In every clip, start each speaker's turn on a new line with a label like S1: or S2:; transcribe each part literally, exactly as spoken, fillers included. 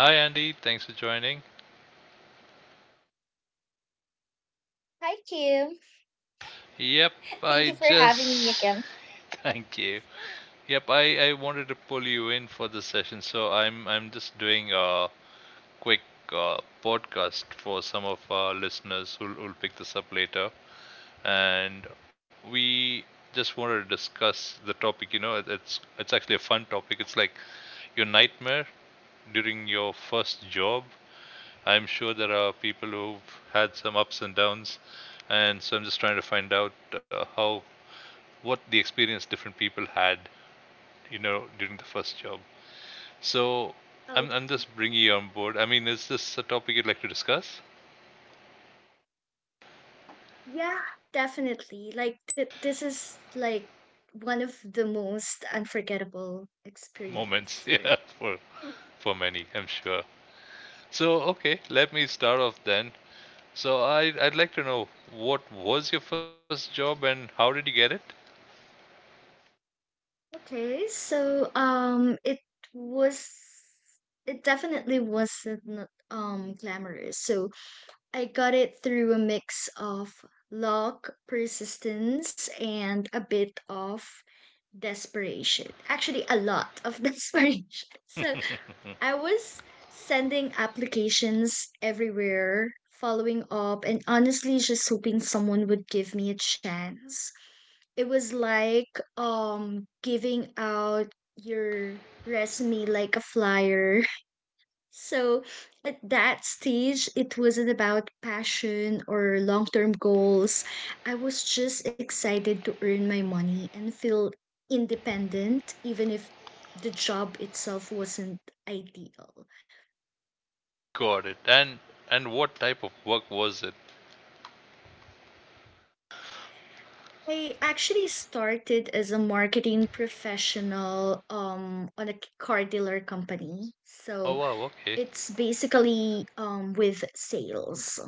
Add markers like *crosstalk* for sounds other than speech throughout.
S1: Hi, Andy. Thanks for joining.
S2: Hi, Kim.
S1: Yep,
S2: Thank
S1: I
S2: you for having me
S1: just.
S2: again.
S1: *laughs* Thank you. Yep, I, I wanted to pull you in for this session, so I'm I'm just doing a quick uh, podcast for some of our listeners who'll pick this up later, and we just wanted to discuss the topic. You know, it- it's it's actually a fun topic. It's like your nightmare during your first job. I'm sure there are people who've had some ups and downs, and so I'm just trying to find out uh, how what the experience different people had, you know, during the first job. So
S2: Oh,
S1: I'm I'm just bringing you on board. I mean, is this a topic you'd like to discuss?
S2: yeah, definitely. Like th this is like one of the most unforgettable
S1: Moments, *laughs*
S2: experience,
S1: yeah,
S2: right?
S1: for
S2: *laughs*
S1: for many, I'm sure. So okay, let me start off then. So I I'd like to know what was your first job and how did you get it?
S2: Okay, so um it was it definitely wasn't um glamorous. So I got it through a mix of luck, persistence, and a bit of desperation. Actually, a lot of *laughs* desperation. So I was sending applications everywhere, following up, and honestly just hoping someone would give me a chance. It was like um giving out your resume like a flyer. *laughs* So at that stage, it wasn't about passion or long term goals. I was just excited to earn my money and feel independent, even if the job itself wasn't ideal.
S1: *laughs* Got it. And and what type of work was it?
S2: I actually started as a marketing professional, um, on a car dealer company.
S1: Oh
S2: So
S1: wow, okay.
S2: it's basically, um, with sales.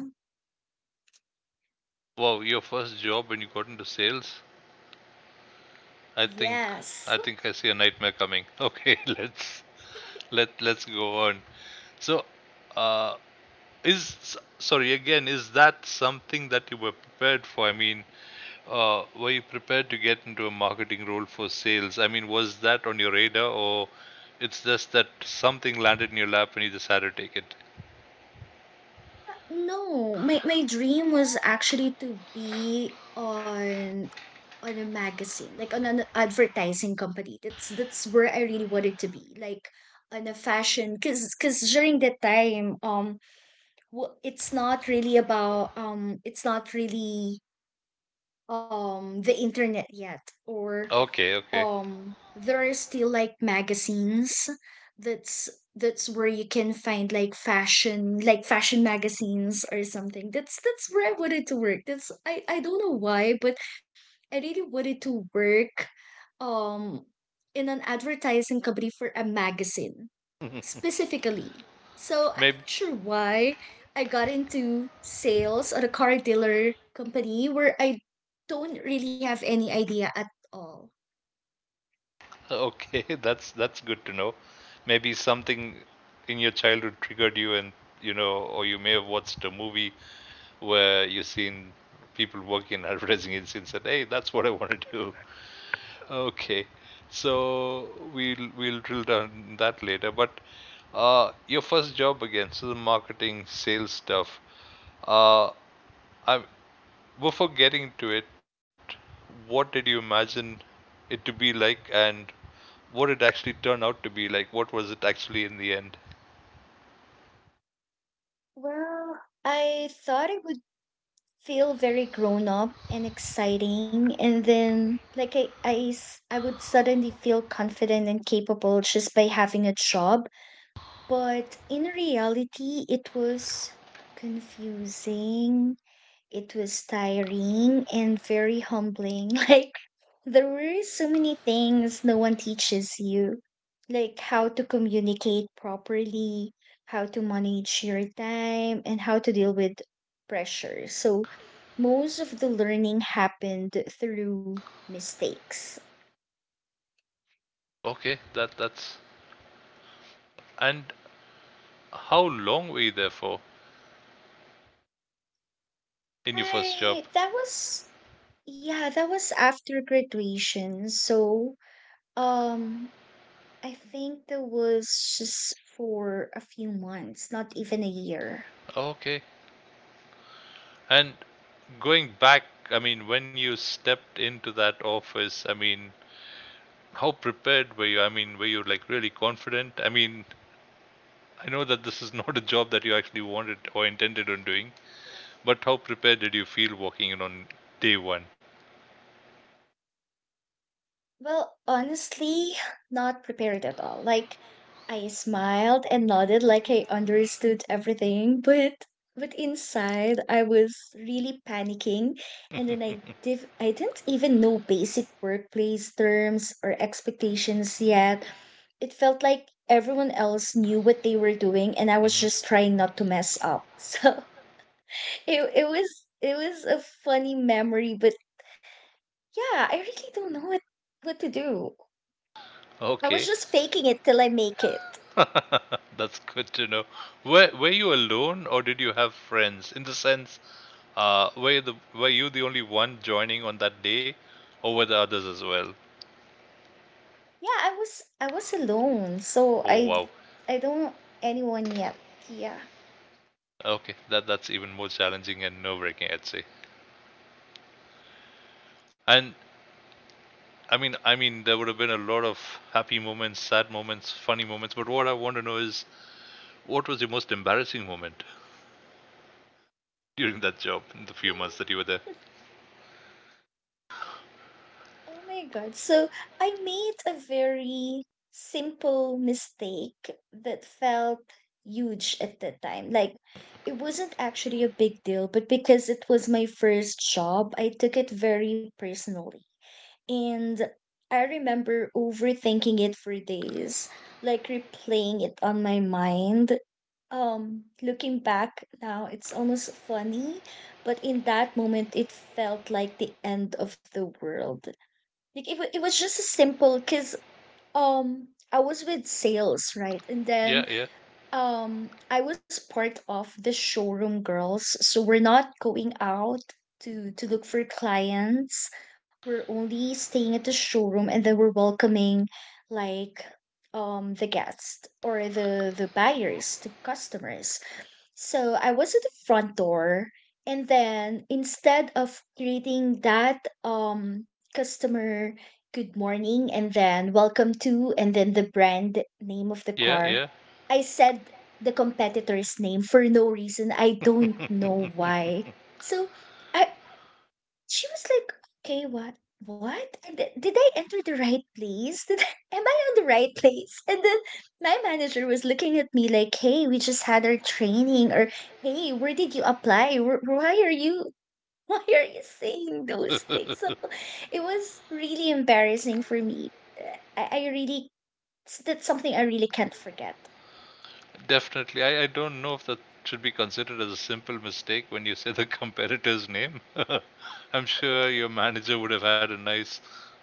S1: Wow, your first job when you got into sales? I think
S2: Yes.
S1: I think I see a nightmare coming. Okay, *laughs* let's let let's go on. So, uh, is sorry again, is that something that you were prepared for? I mean, uh, were you prepared to get into a marketing role for sales? I mean, was that on your radar, or it's just that something landed in your lap and you just had to take it?
S2: No, my, my dream was actually to be on on a magazine, like on an advertising company. That's that's where I really wanted to be, like on a fashion, because because during that time, um, w- it's not really about um, it's not really um the internet yet, or
S1: Okay, okay.
S2: um there are still like magazines that's that's where you can find like fashion like fashion magazines or something. that's that's where I wanted to work. That's i i don't know why, but I really wanted to work um in an advertising company for a magazine specifically. So I'm not
S1: Maybe.
S2: sure why I got into sales at a car dealer company where I don't really have any idea at all.
S1: Okay, *laughs* that's that's good to know. Maybe something in your childhood triggered you, and you know, or you may have watched a movie where you have seen people working in *laughs* advertising agency and said, "Hey, that's what I want to do." *laughs* Okay, so we'll we'll drill down that later. But uh, your first job again, so the marketing, sales stuff. Uh, I'm Before getting to it, what did you imagine it to be like, and what it actually turned out to be like? What was it actually in the end?
S2: Well, I thought it would feel very grown up and exciting, and then like I, I, s- I would suddenly feel confident and capable just by having a job. But in reality, it was confusing, it was tiring, and very humbling. *laughs* Like, there were so many things no one teaches you, like how to communicate properly, how to manage your time, and how to deal with pressure. So, most of the learning happened through mistakes.
S1: Okay, that that's and how long were you there for in your first job?
S2: I, that was yeah, that was after graduation. So Um, I think that was just for a few months, not even a year.
S1: Okay. And going back, I mean, when you stepped into that office, I mean, how prepared were you? I mean, were you like really confident? I mean, I know that this is *laughs* not a job that you actually wanted or intended on doing, but how prepared did you feel walking in on day one? *laughs*
S2: Well, honestly, not prepared at all. Like I smiled and nodded like I understood everything, but but inside I was really panicking, and then I div- I didn't even know basic workplace terms or expectations yet. It felt like everyone else knew what they were doing and I was
S1: Mhm.
S2: just trying not to mess up. *laughs* So It it was it was a funny memory, but yeah, I really don't know what what to do. I was
S1: Okay.
S2: just faking it till I make it.
S1: *laughs* That's good to know. Were were you alone or did you have friends? In the sense, uh, were you the, were you the only one joining on that day, or were the others as well?
S2: Yeah, I was I was alone, so
S1: Oh
S2: I
S1: wow.
S2: I don't know anyone yet. Yeah.
S1: Okay, that that's even more challenging and nerve-wracking, I'd say. And I mean, I mean, there would have been a lot of happy moments, sad moments, funny moments. But what I want to know is, what was your most embarrassing moment *laughs* during that job in the few months
S2: Mm,
S1: that you were there?
S2: Oh my God. So I made a very simple mistake that felt huge at that time. Like it wasn't actually a big deal, but because it was my first job, I took it very personally. And I remember overthinking it for days, like replaying it on my mind. Um, looking back now, it's almost funny, but in that moment, it felt like the end of the world. Like it, wa- it was just a simple, because um I was with sales, right? And then,
S1: Yeah,
S2: um, I was part of the showroom girls, so we're not going out to to look for clients. We're only staying at the showroom and then we're welcoming like um the guests or the the buyers, the customers. So I was at the front door, and then instead of greeting that um customer good morning and then welcome to and then the brand name of the
S1: yeah,
S2: car,
S1: yeah,
S2: I said the competitor's name for no reason. I don't know why. So I she was like, okay, what? What? And th- did I enter the right place? *laughs* Did I, am I on the right place? And then my manager was looking at me like, hey, we just had our training, or hey, where did you apply? Wh- Why are you *laughs* why are you saying those
S1: yeah.
S2: things? So
S1: *laughs*
S2: it was really embarrassing for me. Uh, I, I really, that's something I really can't forget.
S1: Definitely. I, I don't know if that should be considered as a simple mistake when you say the competitor's name. *laughs* I'm sure your manager would have had a nice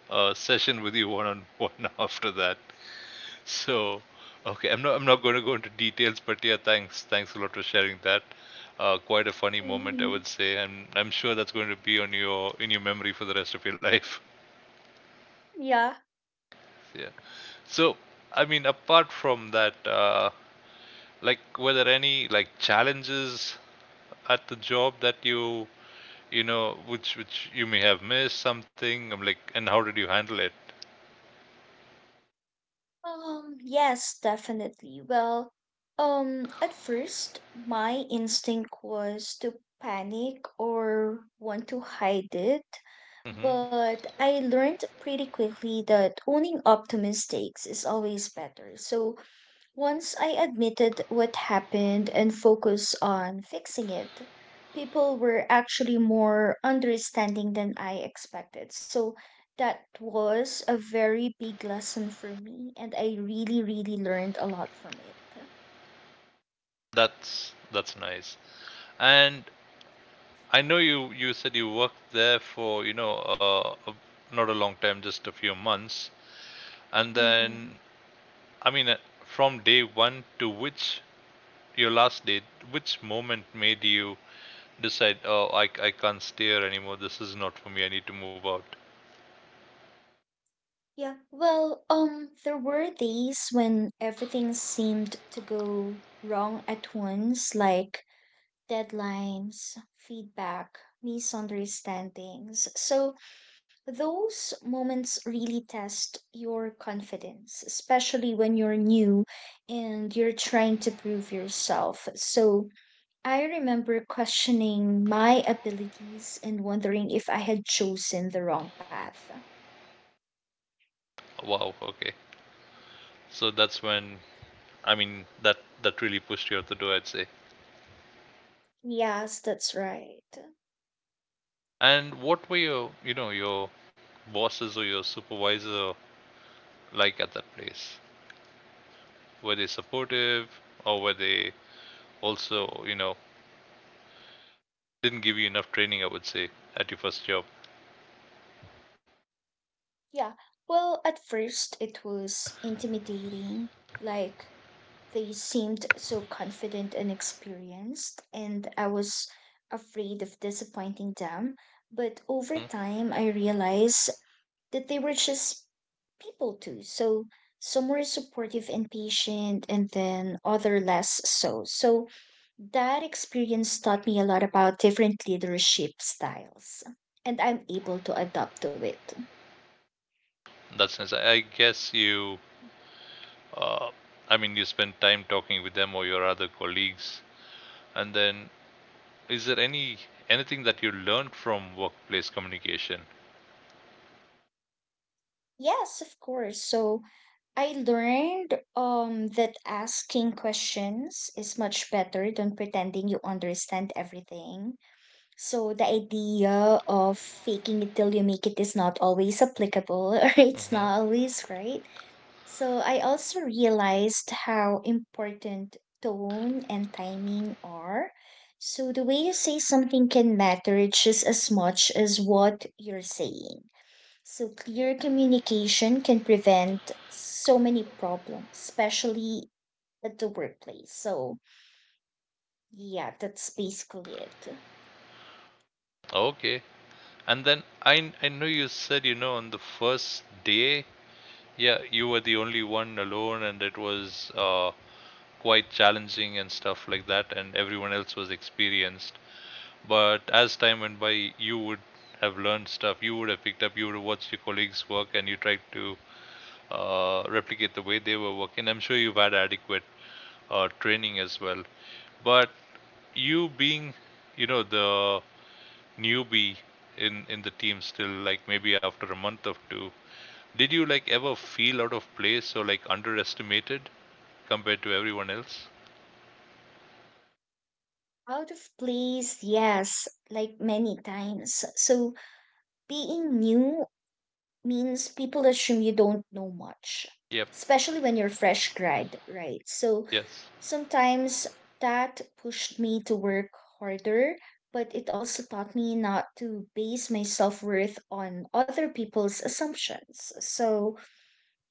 S1: uh, session with you one on one *laughs* after that. So, okay, I'm not I'm not going to go into details, but yeah, thanks thanks a lot for sharing that. Uh, quite a funny moment, I would
S2: Hmm.
S1: say, and I'm sure that's going to be on your, in your memory for the rest of your life. *laughs*
S2: Yeah.
S1: Yeah. So, I mean, apart from that, uh, like, were there any like challenges at the job that you you know, which which you may have missed something, I'm like, and how did you handle it?
S2: Um, yes, definitely. Well, um, at first, my instinct was to panic or want to hide it,
S1: Hmm.
S2: but I learned pretty quickly that owning up to mistakes is always better. So, once I admitted what happened and focused on fixing it, people were actually more understanding than I expected. So that was a very big lesson for me, and I really, really learned a lot from it.
S1: That's that's nice. And I know you you said, you worked there for, you know, uh, a- not a long time, just a few months, and
S2: Hmm.
S1: then, I mean, uh, from day one to which your last day, which moment made you decide, oh, i, I can't stay here anymore, this is not for me, I need to move out?
S2: Yeah, well, um, there were days when everything seemed to go wrong at once, like deadlines, feedback, misunderstandings. So those moments really test your confidence, especially when you're new and you're trying to prove yourself. So I remember questioning my abilities and wondering if I had chosen the wrong path.
S1: Wow, okay. So that's when, I mean, that that really pushed you out the door, I'd say.
S2: Yes, that's right.
S1: And what were your, you know, your bosses or your supervisor like at that place? Were they supportive or were they also, you know, didn't give you enough training? I would say at your first job.
S2: Yeah. Well, at first it was intimidating. Like, they seemed so confident and experienced, and I was afraid of disappointing them. But
S1: Hmm.
S2: over time, I realized that they were just people too. So some were supportive and patient, and then other less so. So that experience taught me a lot about different leadership styles, and I'm able to adapt to it.
S1: That's nice. I guess you. Uh, I mean, you spend time talking with them or your other colleagues. And then, is there any, anything that you learned from workplace communication?
S2: Yes, of course. So I learned um that asking questions is much better than pretending you understand everything. So the idea of faking it till you make it is not always applicable, *laughs* or it's
S1: Hmm.
S2: not always right. So I also realized how important tone and timing are. So the way you say something can matter just as much as what you're saying. So clear communication can prevent so many problems, especially at the workplace. So yeah, that's basically it.
S1: Okay. And then I I know you said, you know, on the first day, yeah, you were the only one alone, and it was uh, quite challenging and stuff like that, and everyone else was experienced. But as time went by, you would have learned stuff. You would have picked up. You would have watched your colleagues work, and you tried to uh, replicate the way they were working. I'm sure you've had adequate uh, training as well. But you being, you know, the newbie in in the team still, like maybe after a month or two, did you like ever feel out of place or like underestimated compared to everyone else?
S2: Out of place, yes, like many times. So being new means people assume you don't know much,
S1: Yep.
S2: especially when you're fresh grad, right? So
S1: Yes.
S2: sometimes that pushed me to work harder, but it also taught me not to base my self-worth on other people's assumptions. So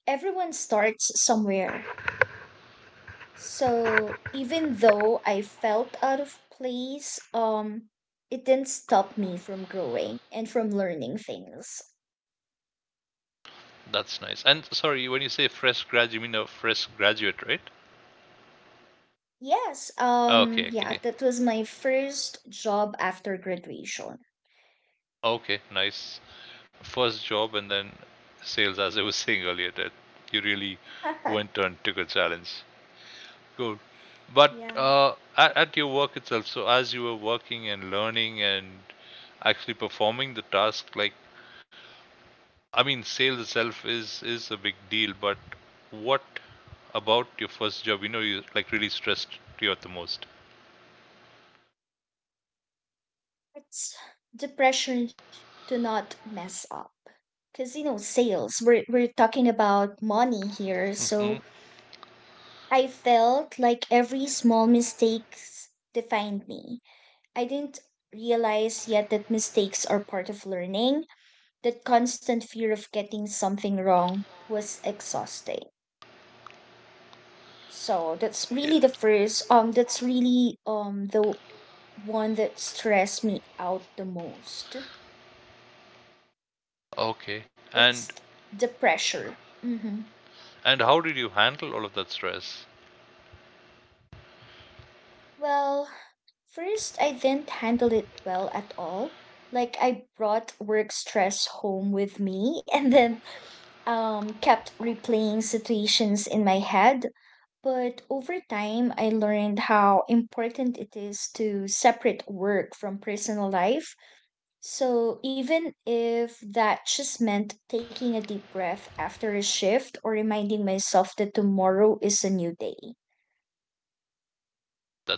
S2: everyone starts somewhere. So even though I felt out of place, um, it didn't stop me from growing and from learning things.
S1: That's nice. And sorry, when you say fresh grad, you mean a fresh graduate, right?
S2: Yes, um,
S1: Okay.
S2: yeah,
S1: Okay.
S2: that was my first job after graduation.
S1: Okay. Nice. First job and then sales, as I was *laughs* saying earlier, that you really
S2: *laughs*
S1: went on, took a challenge. Good. But
S2: Yeah,
S1: uh, at, at your work itself, so as you were working and learning and actually performing the task, like I mean, sales itself is is a big deal, but what about your first job? You know, you like really stressed you out the most.
S2: it's the pressure to not mess up. Because, you know, sales, we're, we're talking about money here. So
S1: Hmm.
S2: I felt like every small mistake defined me. I didn't realize yet that mistakes are part of learning. That constant fear of getting something wrong was exhausting. So that's
S1: Yeah.
S2: really the first um that's really um the one that stressed me out the most.
S1: Okay. And
S2: It's the pressure. Mhm.
S1: and how did you handle all of that stress?
S2: Well, first I didn't handle it well at all. Like I brought work stress home with me *laughs* and then um kept replaying situations in my head. But over time, I learned how important it is to separate work from personal life. So even if that just meant taking a deep breath after a shift or reminding myself that tomorrow is a new day.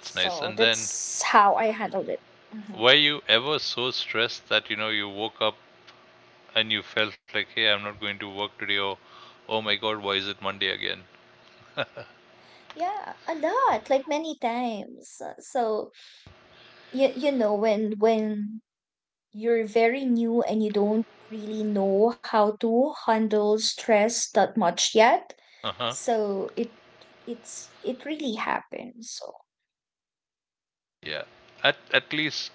S1: That's nice. And then
S2: that's how I handled it. Mhm.
S1: were you ever so stressed that, you know, you woke up and you felt like, hey, I'm not going to work today, or oh my God, why is it Monday again?
S2: Yeah, a lot, like many times. Uh, So you you know when when you're very new and you don't really know how to handle stress that much yet.
S1: Uh huh.
S2: So it it's it really happened. So
S1: Yeah. At at least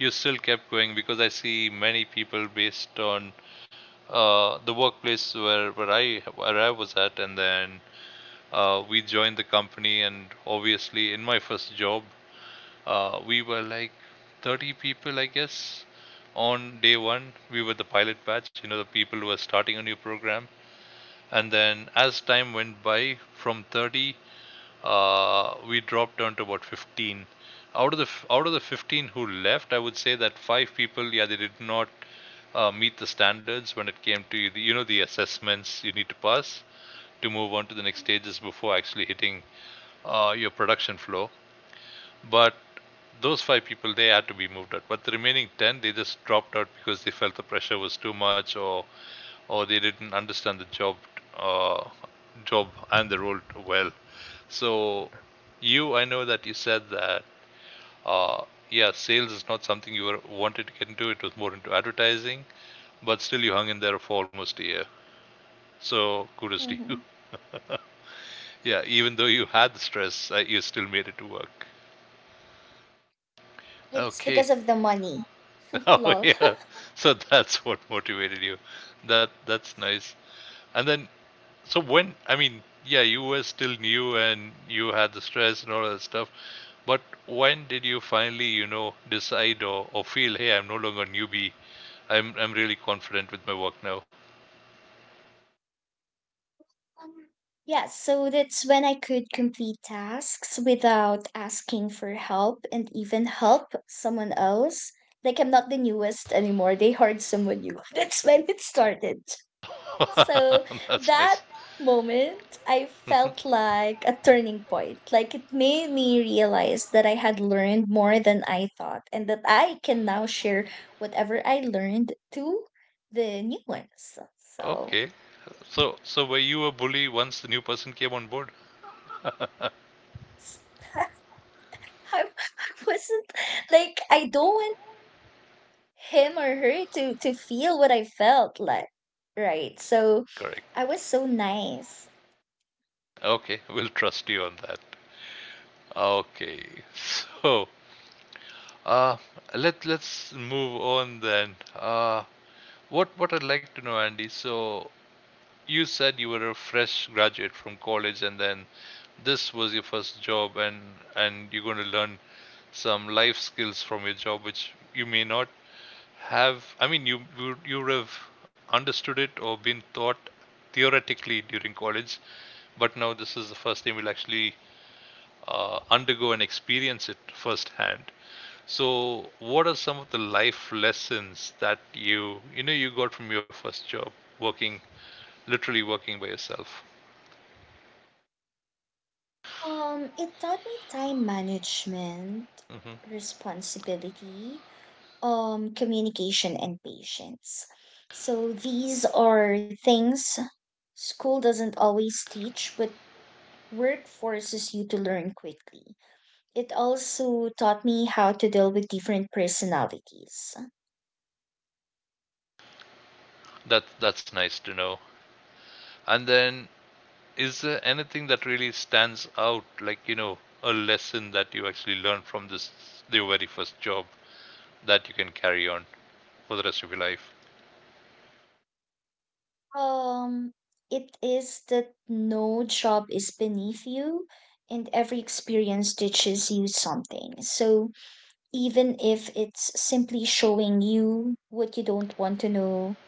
S1: you still kept going because I see many people based on uh, the workplace where where I, where I was at, and then uh, we joined the company. And obviously, in my first job, uh, we were like thirty people, I guess. On day one, we were the pilot batch. You know, the people who were starting a new program. And then, as time went by, from thirty, uh, we dropped down to about fifteen. Out of the, out of the fifteen who left, I would say that five people, yeah, they did not uh, meet the standards when it came to the, you know, the assessments you need to pass to move on to the next
S2: Mm.
S1: stages before actually hitting uh, your production flow. But those five people they had to be moved out, but the remaining ten, they just dropped out because they felt the pressure was too much, or or they didn't understand the job, uh, job and the role well. So you, I know that you said that, uh, yeah, sales is not something you were wanted to get into. It was more into advertising, but still you hung in there for almost a year. So kudos to you.
S2: Mhm.
S1: *laughs* Yeah, even though you had the stress, uh, you still made it to work.
S2: It's
S1: Okay.
S2: because
S1: *laughs*
S2: of the money. *laughs*
S1: Oh
S2: Lol.
S1: yeah. So that's what motivated you. That that's nice. And then, so when, I mean, yeah, you were still new and you had the stress and all that stuff, but when did you finally, you know, decide or, or feel, hey, I'm no longer a newbie. I'm I'm really confident with my work now.
S2: Um, yeah, so that's when I could complete tasks without asking for help and even help someone else. Like I'm not the newest anymore. They hired someone new. *laughs* That's when it started. So
S1: *laughs* That's nice.
S2: that moment, I
S1: Mhm.
S2: felt like a turning point. Like it made me realize that I had learned more than I thought and that I can now share whatever I learned to the new ones. So
S1: Okay. So so were you a bully once the new person came on board? *laughs*
S2: s- *laughs* I, I wasn't like, I don't want him or her to, to feel what I felt like. Right. So
S1: Correct.
S2: I was so nice.
S1: Okay, we'll trust you on that. Okay. *laughs* So, uh let let's move on then. Uh What what I'd like to know, Andy, so you said you were a fresh graduate from college, and then this was your first job, and and you're going to learn some life skills from your job which you may not have, I mean, you would you would have understood it or been taught theoretically during college, but now this is the first time you'll actually uh, undergo and experience it firsthand. So, what are some of the life lessons that you you know, you got from your first job working literally working by yourself.
S2: Um, it taught me time management,
S1: Hmm.
S2: responsibility, um, communication, and patience. So these are things school doesn't always teach, but work forces you to learn quickly. It also taught me how to deal with different personalities.
S1: That that's nice to know. And then, is there anything that really stands out, like, you know, a lesson that you actually learned from this, your very first job, that you can carry on for the rest of your life?
S2: Um, it is that no job is beneath you, and every experience teaches you something. So even if it's simply showing you what you don't want to know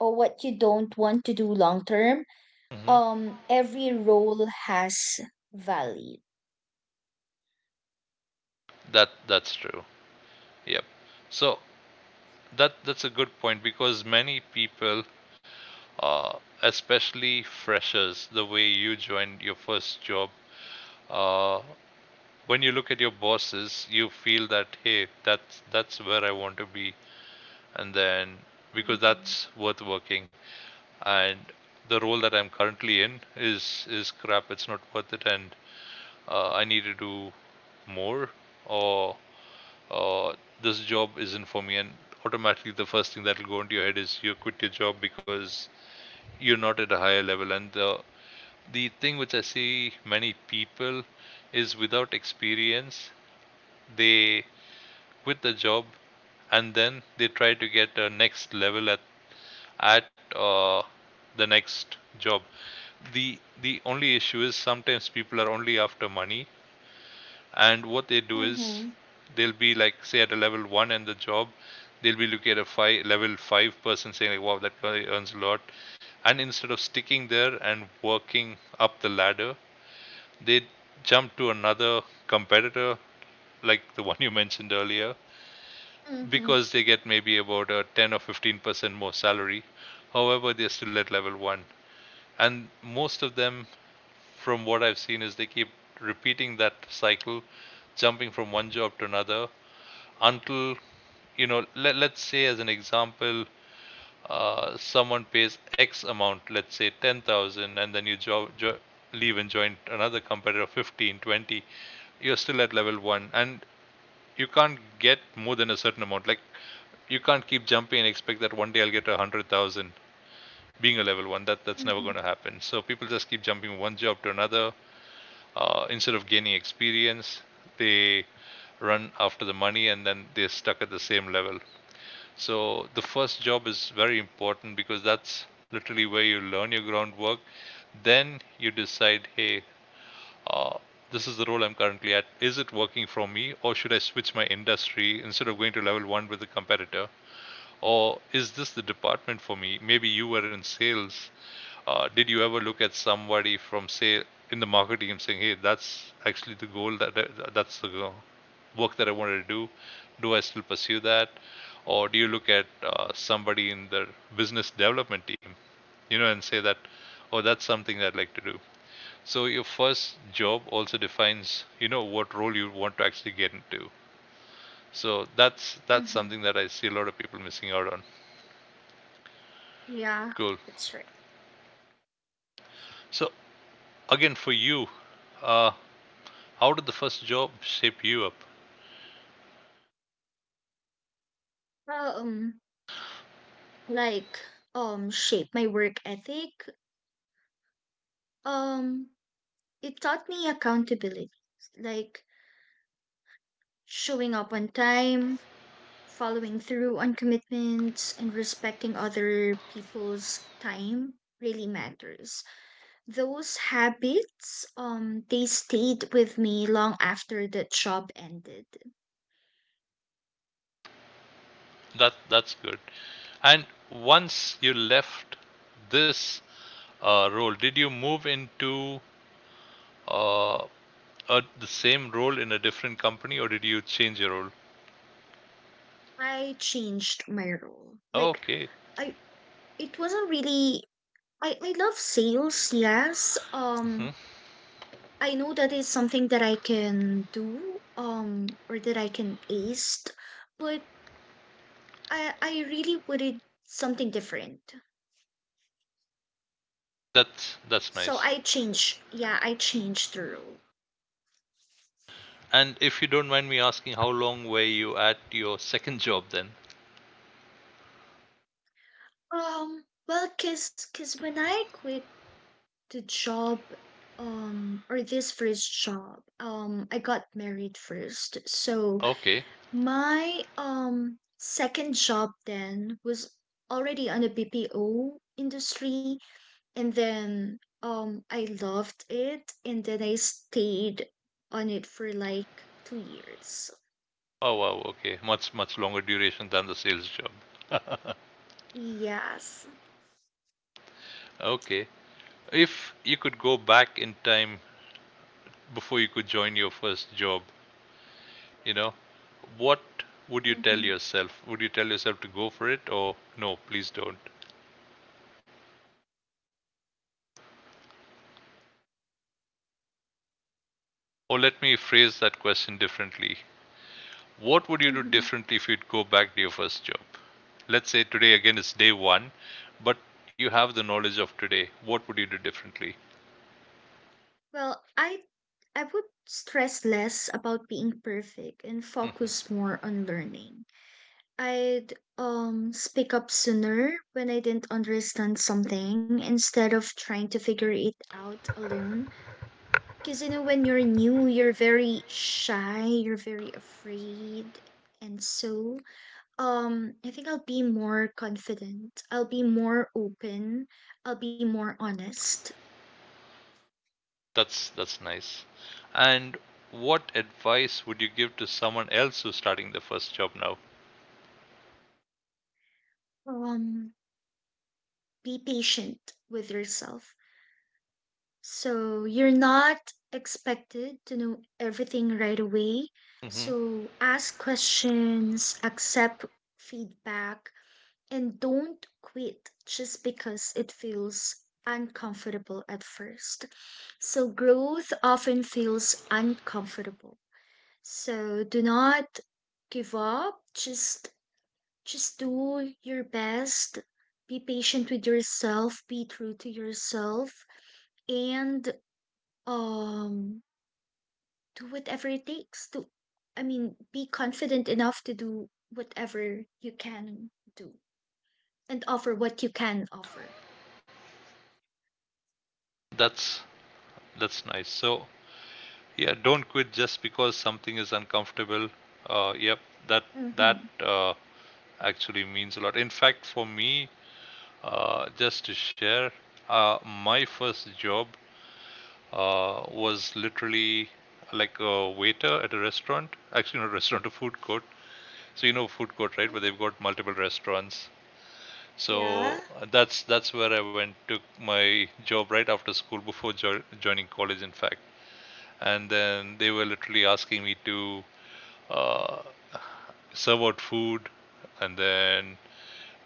S2: or what you don't want to do long term,
S1: Hmm.
S2: um every role has value.
S1: That that's true. Yep. So that that's a good point because many people, uh, especially freshers, the way you joined your first job, uh, when you look at your bosses, you feel that hey, that's that's where I want to be, and then because
S2: Mm-hmm.
S1: that's worth working. And the role that I'm currently in is is crap. It's not worth it, and uh, I need to do more, or uh, this job isn't for me. And automatically, the first thing that will go into your head is you quit your job because you're not at a higher level. And the the thing which I see many people is without experience, they With the job and then they try to get a next level at at uh, the next job. The the only issue is sometimes people are only after money, and what they do is
S2: Mm-hmm.
S1: they'll be like say at a level one in the job. They'll be looking at a five level five person saying like wow, that guy earns a lot, and instead of sticking there and working up the ladder, they jump to another competitor like the *laughs* one you mentioned earlier
S2: Mm-hmm.
S1: because they get maybe about a ten or fifteen percent more salary. However, they're still at level one. And most of them, from what I've seen, is they keep repeating that cycle, jumping from one job to another until, you know, let, let's say as an example, uh, someone pays X amount, let's say ten thousand, and then you jo- jo- leave and join another competitor fifteen, twenty, you're still at level one. And you can't get more than a certain amount. Like you can't keep jumping and expect that one day I'll get a hundred thousand. Being a level one, that that's never
S2: Mm-hmm.
S1: going to happen. So people just keep jumping one job to another uh, instead of gaining experience. They run after the money and then they're stuck at the same level. So the first job is very important because that's literally where you learn your groundwork. Then you decide, hey, uh, this is the role I'm currently at. Is it working for me, or should I switch my industry instead of going to level one with a competitor? Or is this the department for me? Maybe you were in sales. Uh, did you ever look at somebody from say in the marketing and saying, "Hey, that's actually the goal that that- that's the work that I wanted to do. Do I still pursue that?" Or do you look at uh, somebody in the business development team, you know, and say that, "Oh, that's something that I'd like to do." So your first job also defines, you know, what role you want to actually get into. So that's that's
S2: Mm-hmm.
S1: something that I see a lot of people missing out on.
S2: Yeah,
S1: Cool.
S2: that's right.
S1: So again, for you, uh, how did the first job shape you up?
S2: Well, um, like, um, shape my work ethic. Um, it taught me accountability, like showing up on time, following through on commitments and respecting other people's time really matters. Those habits, um, they stayed with me long after the job ended.
S1: That that's good. And once you left this uh, role, did you move into uh, a, the same role in a different company, or did you change your role?
S2: I changed my role. Like
S1: Okay,
S2: I it wasn't really. I, I love sales, yes.
S1: hmm,
S2: Um I know that is something that I can do, um, or that I can ace, but I I really wanted something different.
S1: that's that's
S2: So
S1: nice.
S2: I changed. Yeah, I changed the role.
S1: And if you don't mind me asking, how long were you at your second job then?
S2: Um, well, cause, cause when I quit the job, um, or this first job, um, I got married first. So
S1: Okay.
S2: my um second job then was already on the B P O industry, and then um I loved it, and then I stayed on it for like two years.
S1: Oh wow. Okay. Much much longer duration than the sales job.
S2: Yes.
S1: *laughs* Okay. If you could go back in time before you could join your first job, you know, what would you tell
S2: Mm-hmm.
S1: yourself? Would you tell yourself to go for it or no, please don't? Or let me phrase that question differently. What would you do
S2: Mm-hmm.
S1: differently if you'd go back to your first job? Let's say today again is day one, but you have the knowledge of today. What would you do differently?
S2: Well, I I would stress less about being perfect and
S1: Mhm.
S2: focus more on learning. I'd um speak up sooner when I didn't understand something instead of trying to figure it out alone. Because you know when you're new, you're very shy, you're very afraid. And so, um, I think I'll be more confident. I'll be more open. I'll be more honest.
S1: That's that's nice. And what advice would you give to someone else who's starting the first job now?
S2: Um, be patient with yourself. So you're not expected to know everything right away.
S1: Hmm.
S2: So ask questions, accept feedback, and don't quit just because it feels uncomfortable at first. So growth often feels uncomfortable. So do not give up. Just just do your best. Be patient with yourself, be true to yourself, and um, do whatever it takes to, I mean, be confident enough to do whatever you can do and offer what you can offer.
S1: That's that's nice. So yeah, don't quit just because something is uncomfortable. Uh, yep, that that
S2: Mm-hmm.
S1: uh, actually means a lot. In fact, for me, uh, just to share, uh, my first job uh, was literally like a waiter at a restaurant. Actually, not a restaurant, a food court. So you know food court, right? Where
S2: Hmm.
S1: they've got multiple restaurants.
S2: Yeah.
S1: So uh, that's that's where I went. Took my job right after school, before jo- joining college, in fact. And then they were literally asking me to uh, serve out food, and then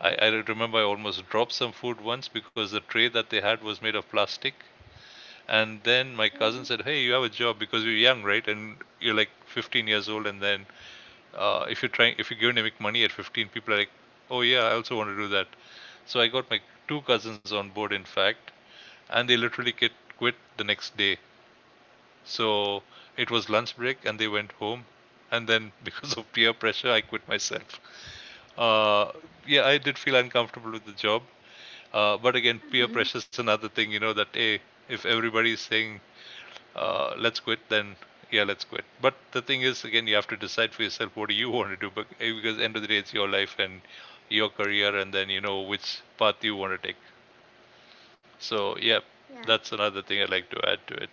S1: I, I remember I almost dropped some food once because the tray that they had was made of plastic. And then my cousin
S2: Hmm.
S1: said, "Hey, you have a job because you're young, right? And you're like fifteen years old. And then uh, if you're trying, if you're going to make money at fifteen, people are like, oh yeah, I also want to do that." So I got my two cousins on board, in fact, and they literally quit, the next day. So it was lunch break, and they went home. And then *laughs* because of peer pressure, I quit myself. Uh, yeah, I did feel uncomfortable with the job. Uh, but again,
S2: Mm-hmm.
S1: peer
S2: Mm-hmm.
S1: pressure is another thing, you know, that hey, if everybody is saying uh, let's quit, then yeah, let's quit. But the thing is, again, you have to decide for yourself what do you want to do, bec- eh, because end of the day, it's your life and your career, and then you know which path you want to take. So yeah,
S2: Yeah.
S1: that's another thing I'd like to add to it.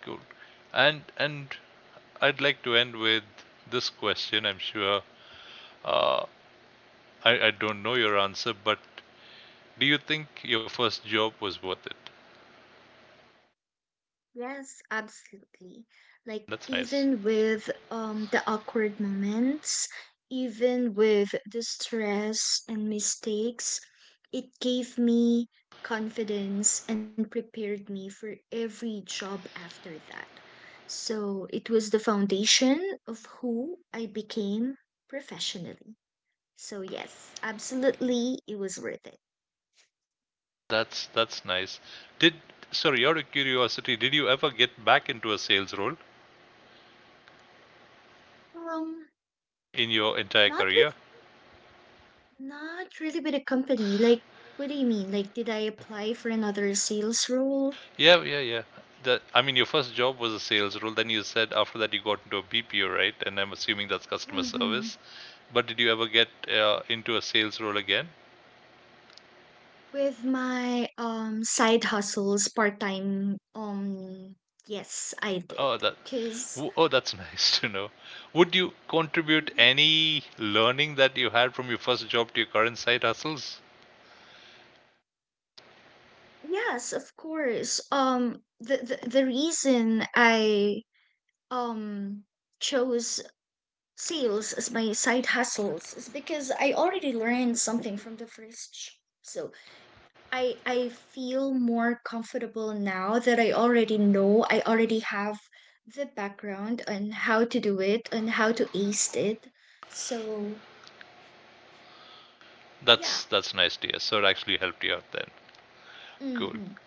S1: Cool. And and I'd like to end with this question. I'm sure uh, I I don't know your answer, but do you think your first job was worth it?
S2: Yes, absolutely. Like
S1: That's nice.
S2: even with um the awkward moments, even with the stress and mistakes, it gave me confidence and prepared me for every job after that. So it was the foundation of who I became professionally. So yes, absolutely it was worth it.
S1: That's that's nice. Did sorry, out of curiosity, did you ever get back into a sales role
S2: Um
S1: in your entire
S2: not.
S1: career?
S2: Not really with a company. Like, what do you mean? Like, did I apply for another sales role?
S1: Yeah, yeah, yeah. That I mean, your first job was a sales role. Then you said after that you got into a B P O, right? And I'm assuming that's customer
S2: Mm-hmm.
S1: service. But did you ever get uh, into a sales role again?
S2: With my um side hustles part time. Um, yes, I did.
S1: Oh, that
S2: Because
S1: w- oh, that's *laughs* nice to know. Would you contribute any learning that you had from your first job to your current side hustles?
S2: Yes, of course. Um, the, the the reason I um chose sales as my side hustles is because I already learned something from the first. Job. So I I feel more comfortable now that I already know, I already have the background on how to do it and how to ace it. So,
S1: That's
S2: yeah.
S1: that's nice to hear. So it actually helped you out then. Cool.
S2: Hmm.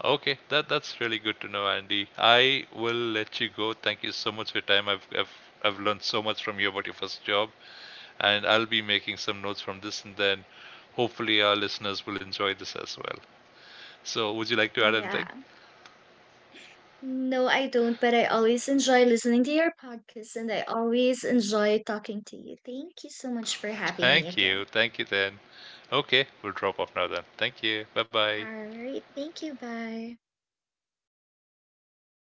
S1: Okay, that that's really good to know, Andy. I will let you go. Thank you so much for your time. I've I've I've learned so much from you about your first job, and I'll be making some notes from this, and then hopefully our listeners will enjoy this as well. So, would you like to add
S2: Yeah.
S1: anything?
S2: No, I don't, but I always enjoy listening to your podcast and I always enjoy talking to you. Thank you so much for
S1: *laughs*
S2: having me
S1: Thank
S2: again.
S1: you, thank you. Then, okay, we'll drop off now. Then, thank you. Bye bye.
S2: All right. Thank you. Bye.